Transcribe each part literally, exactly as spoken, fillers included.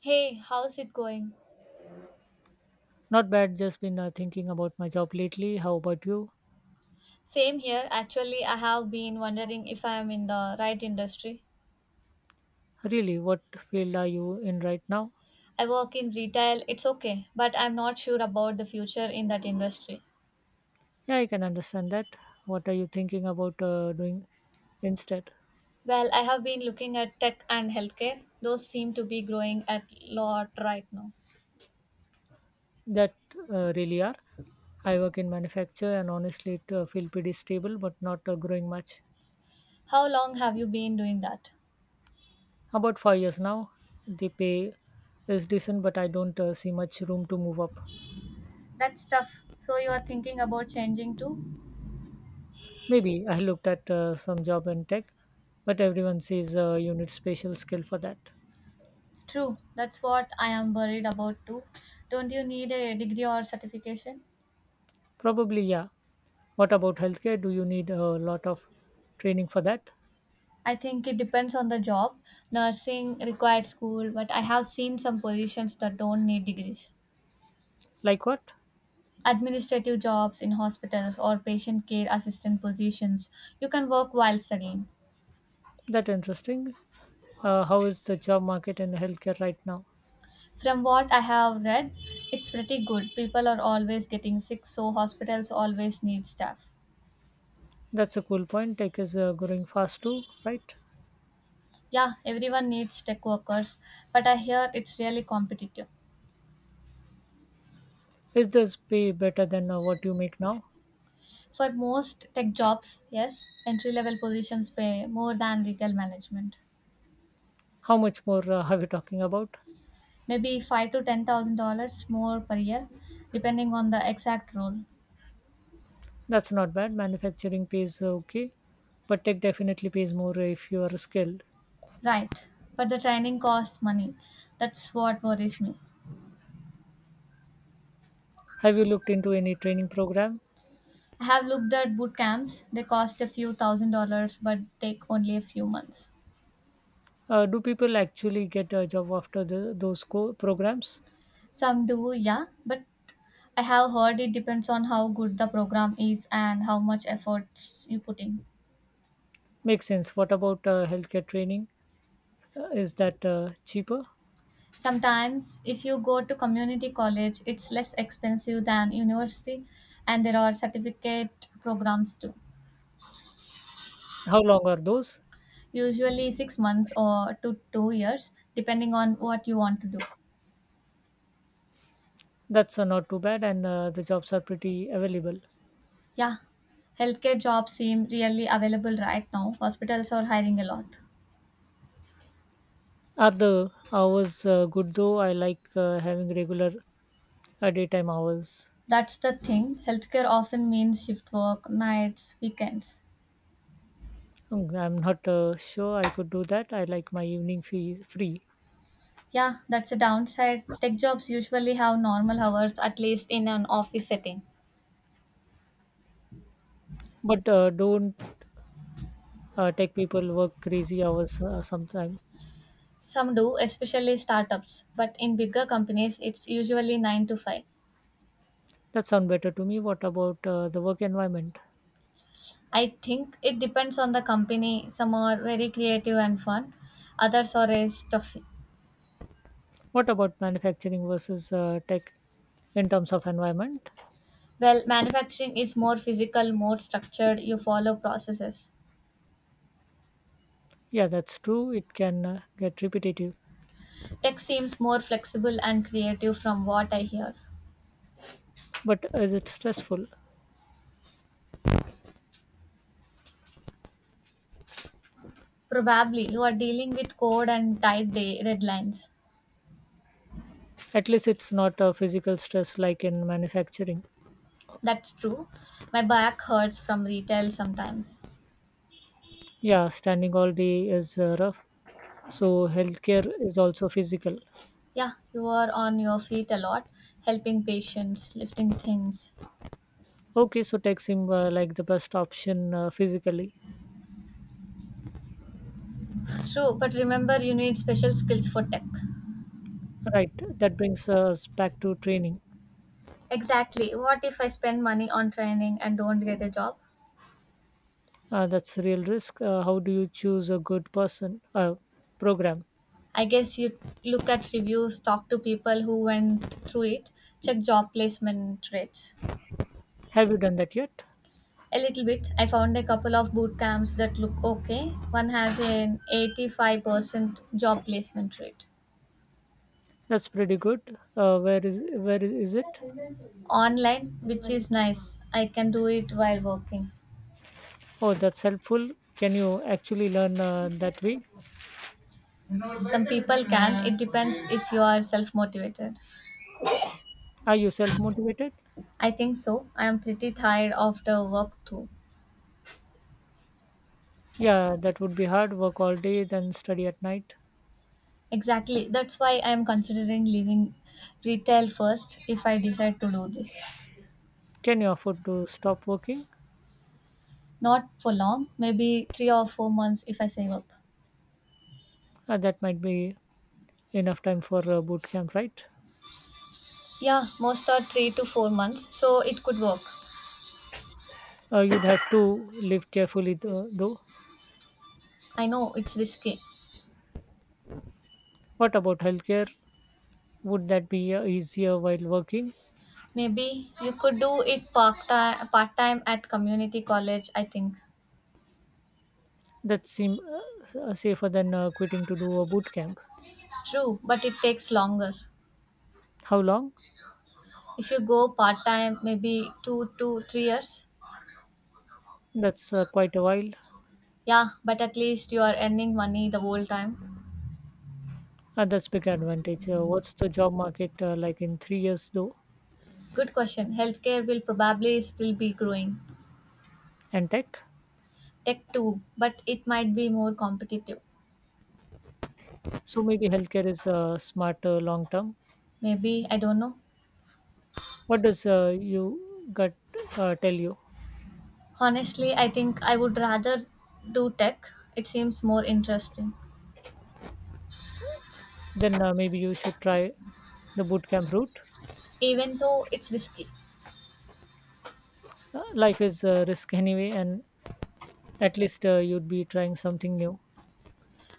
Hey, how's it going? Not bad, just been uh, thinking about my job lately. How about you? Same here. Actually, I have been wondering if I am in the right industry. Really, what field are you in right now? I work in retail, it's okay, but I'm not sure about the future in that industry. Yeah, I can understand that. What are you thinking about uh, doing instead? Well, I have been looking at tech and healthcare. Those seem to be growing at lot right now. That uh, really are. I work in manufacture and honestly, it uh, feel pretty stable but not uh, growing much. How long have you been doing that? About five years now, the pay is decent, but I don't uh, see much room to move up. That's tough. So you are thinking about changing too? Maybe I looked at uh, some job in tech, but everyone says uh, you need special skill for that. True. That's what I am worried about too. Don't you need a degree or certification? Probably, yeah. What about healthcare? Do you need a lot of training for that? I think it depends on the job. Nursing requires school, but I have seen some positions that don't need degrees. Like what? Administrative jobs in hospitals or patient care assistant positions, you can work while studying. That interesting. Uh, how is the job market in healthcare right now? From what I have read, it's pretty good. People are always getting sick, so hospitals always need staff. That's a cool point. Tech is uh, growing fast too, right? Yeah, everyone needs tech workers, but I hear it's really competitive. Is this pay better than uh, what you make now? For most tech jobs, yes, entry level positions pay more than retail management. How much more uh, are we talking about? maybe five to ten thousand dollars more per year, depending on the exact role. That's not bad. Manufacturing pays uh, okay, but tech definitely pays more if you are skilled. Right, but the training costs money. That's what worries me. Have you looked into any training program? I have looked at boot camps. They cost a few thousand dollars, but take only a few months. Uh, do people actually get a job after the, those co- programs? Some do, yeah, but I have heard it depends on how good the program is and how much efforts you put in. Makes sense. What about uh, healthcare training? Uh, is that uh, cheaper? Sometimes, if you go to community college, it's less expensive than university, and there are certificate programs too. How long are those? usually six months or to two years, depending on what you want to do. That's uh, not too bad, and uh, the jobs are pretty available. Yeah, healthcare jobs seem really available right now. Hospitals are hiring a lot. Are the hours uh, good though? I like uh, having regular uh, daytime hours. That's the thing. Healthcare often means shift work, nights, weekends. Mm, I'm not uh, sure I could do that. I like my evening fees free, Yeah, that's a downside. Tech jobs usually have normal hours, at least in an office setting. but uh, don't uh, tech people work crazy hours uh, sometime. Some do, especially startups, but in bigger companies, it's usually nine to five. That sound better to me. What about uh, the work environment? I think it depends on the company. Some are very creative and fun, others are very stuffy. What about manufacturing versus uh, tech in terms of environment? Well, manufacturing is more physical, more structured, you follow processes. Yeah, that's true. It can uh, get repetitive, Tech seems more flexible and creative from what I hear. but is it stressful? Probably you are dealing with code and tight day deadlines. At least it's not a physical stress like in manufacturing. That's true. My back hurts from retail sometimes. Yeah, standing all day is uh, rough. So healthcare is also physical. Yeah, you are on your feet a lot, helping patients, lifting things. Okay, so tech seem uh, like the best option uh, physically. True, but remember you need special skills for tech. Right. That brings us back to training. Exactly. What if I spend money on training and don't get a job? Uh, that's a real risk. Uh, how do you choose a good person uh, program? I guess you look at reviews, talk to people who went through it, check job placement rates. Have you done that yet? A little bit. I found a couple of boot camps that look okay. One has an eighty-five percent job placement rate That's pretty good. Uh, where is where is it? online, which is nice. I can do it while working. Oh, that's helpful. Can you actually learn uh, that way? Some people can. It depends if you are self motivated. Are you self motivated? I think so. I am pretty tired of the work too. Yeah, that would be hard work all day, then study at night. Exactly. That's why I am considering leaving retail first if I decide to do this. Can you afford to stop working? Not for long, maybe three or four months if I save up. Uh, that might be enough time for uh, boot camp, right? Yeah, most are three to four months, so it could work. Uh, you'd have to live carefully, though. though. I know it's risky. What about healthcare? Would that be uh, easier while working? Maybe you could do it part time, part time, at community college, I think. That seem uh, s- uh, safer than uh, quitting to do a boot camp. True, but it takes longer. How long? If you go part time, maybe two to three years. That's uh, quite a while. Yeah, but at least you are earning money the whole time. Uh, that's big advantage. Uh, what's the job market uh, like in three years, though? Good question. Healthcare will probably still be growing. And tech. Tech too, but it might be more competitive. So maybe healthcare is uh, smarter long term. Maybe, I don't know. What does uh, you gut uh, tell you? Honestly, I think I would rather do tech. It seems more interesting, Then uh, maybe you should try the bootcamp route. even though it's risky. Uh, life is a risk anyway, and at least uh, you'd be trying something new.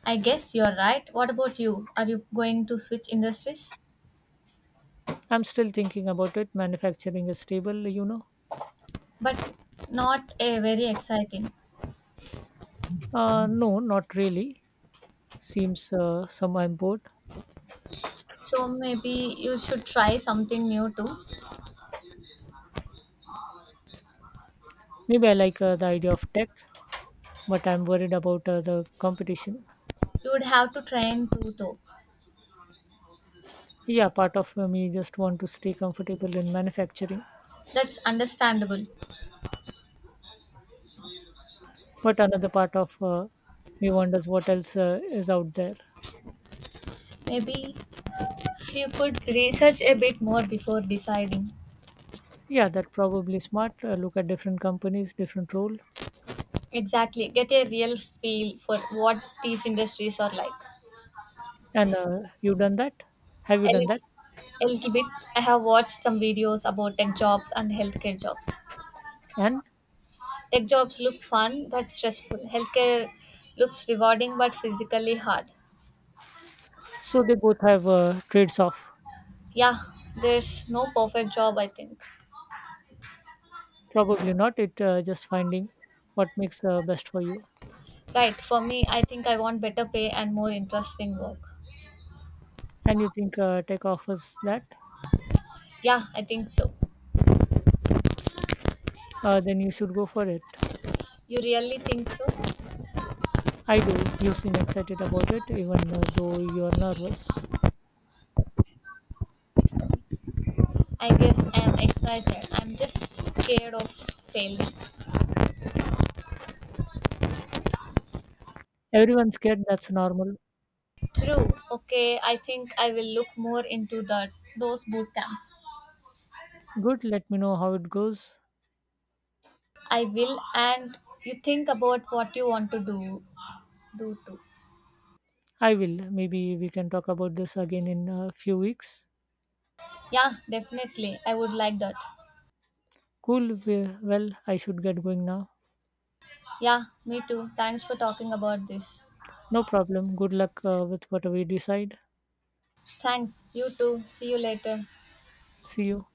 I guess you're right. What about you? Are you going to switch industries? I'm still thinking about it. Manufacturing is stable, you know. But not a very exciting. Uh, no, not really. Seems uh, some I'm bored. So maybe you should try something new too. Maybe I like uh, the idea of tech, but I'm worried about uh, the competition. You would have to train too, though. Yeah, part of uh, me just want to stay comfortable in manufacturing. That's understandable. But another part of uh, me wonders what else uh, is out there. Maybe You could research a bit more before deciding. Yeah, that probably smart. Uh, look at different companies, different role. Exactly. Get a real feel for what these industries are like. And uh, you done that? Have you A done that? little, a little bit. I have watched some videos about tech jobs and healthcare jobs. And Tech jobs look fun but stressful. Healthcare looks rewarding but physically hard. so they both have uh, trades off. Yeah, there's no perfect job, I think. Probably not. It uh, just finding what makes uh, best for you. Right, for me, I think I want better pay and more interesting work. And you think uh, tech offers that? Yeah, I think so. Uh, then you should go for it. You really think so? I do. You seem excited about it, even uh, though you are nervous. I guess I'm excited. I'm just scared of failing. Everyone's scared. That's normal. True. Okay, I think I will look more into the those boot camps. Good. Let me know how it goes. I will and you think about what you want to do do too. I will. Maybe we can talk about this again in a few weeks. Yeah, definitely. I would like that. Cool. we- Well, I should get going now. Yeah, me too. Thanks for talking about this. No problem. Good luck uh, with whatever you decide. Thanks. You too. See you later. See you.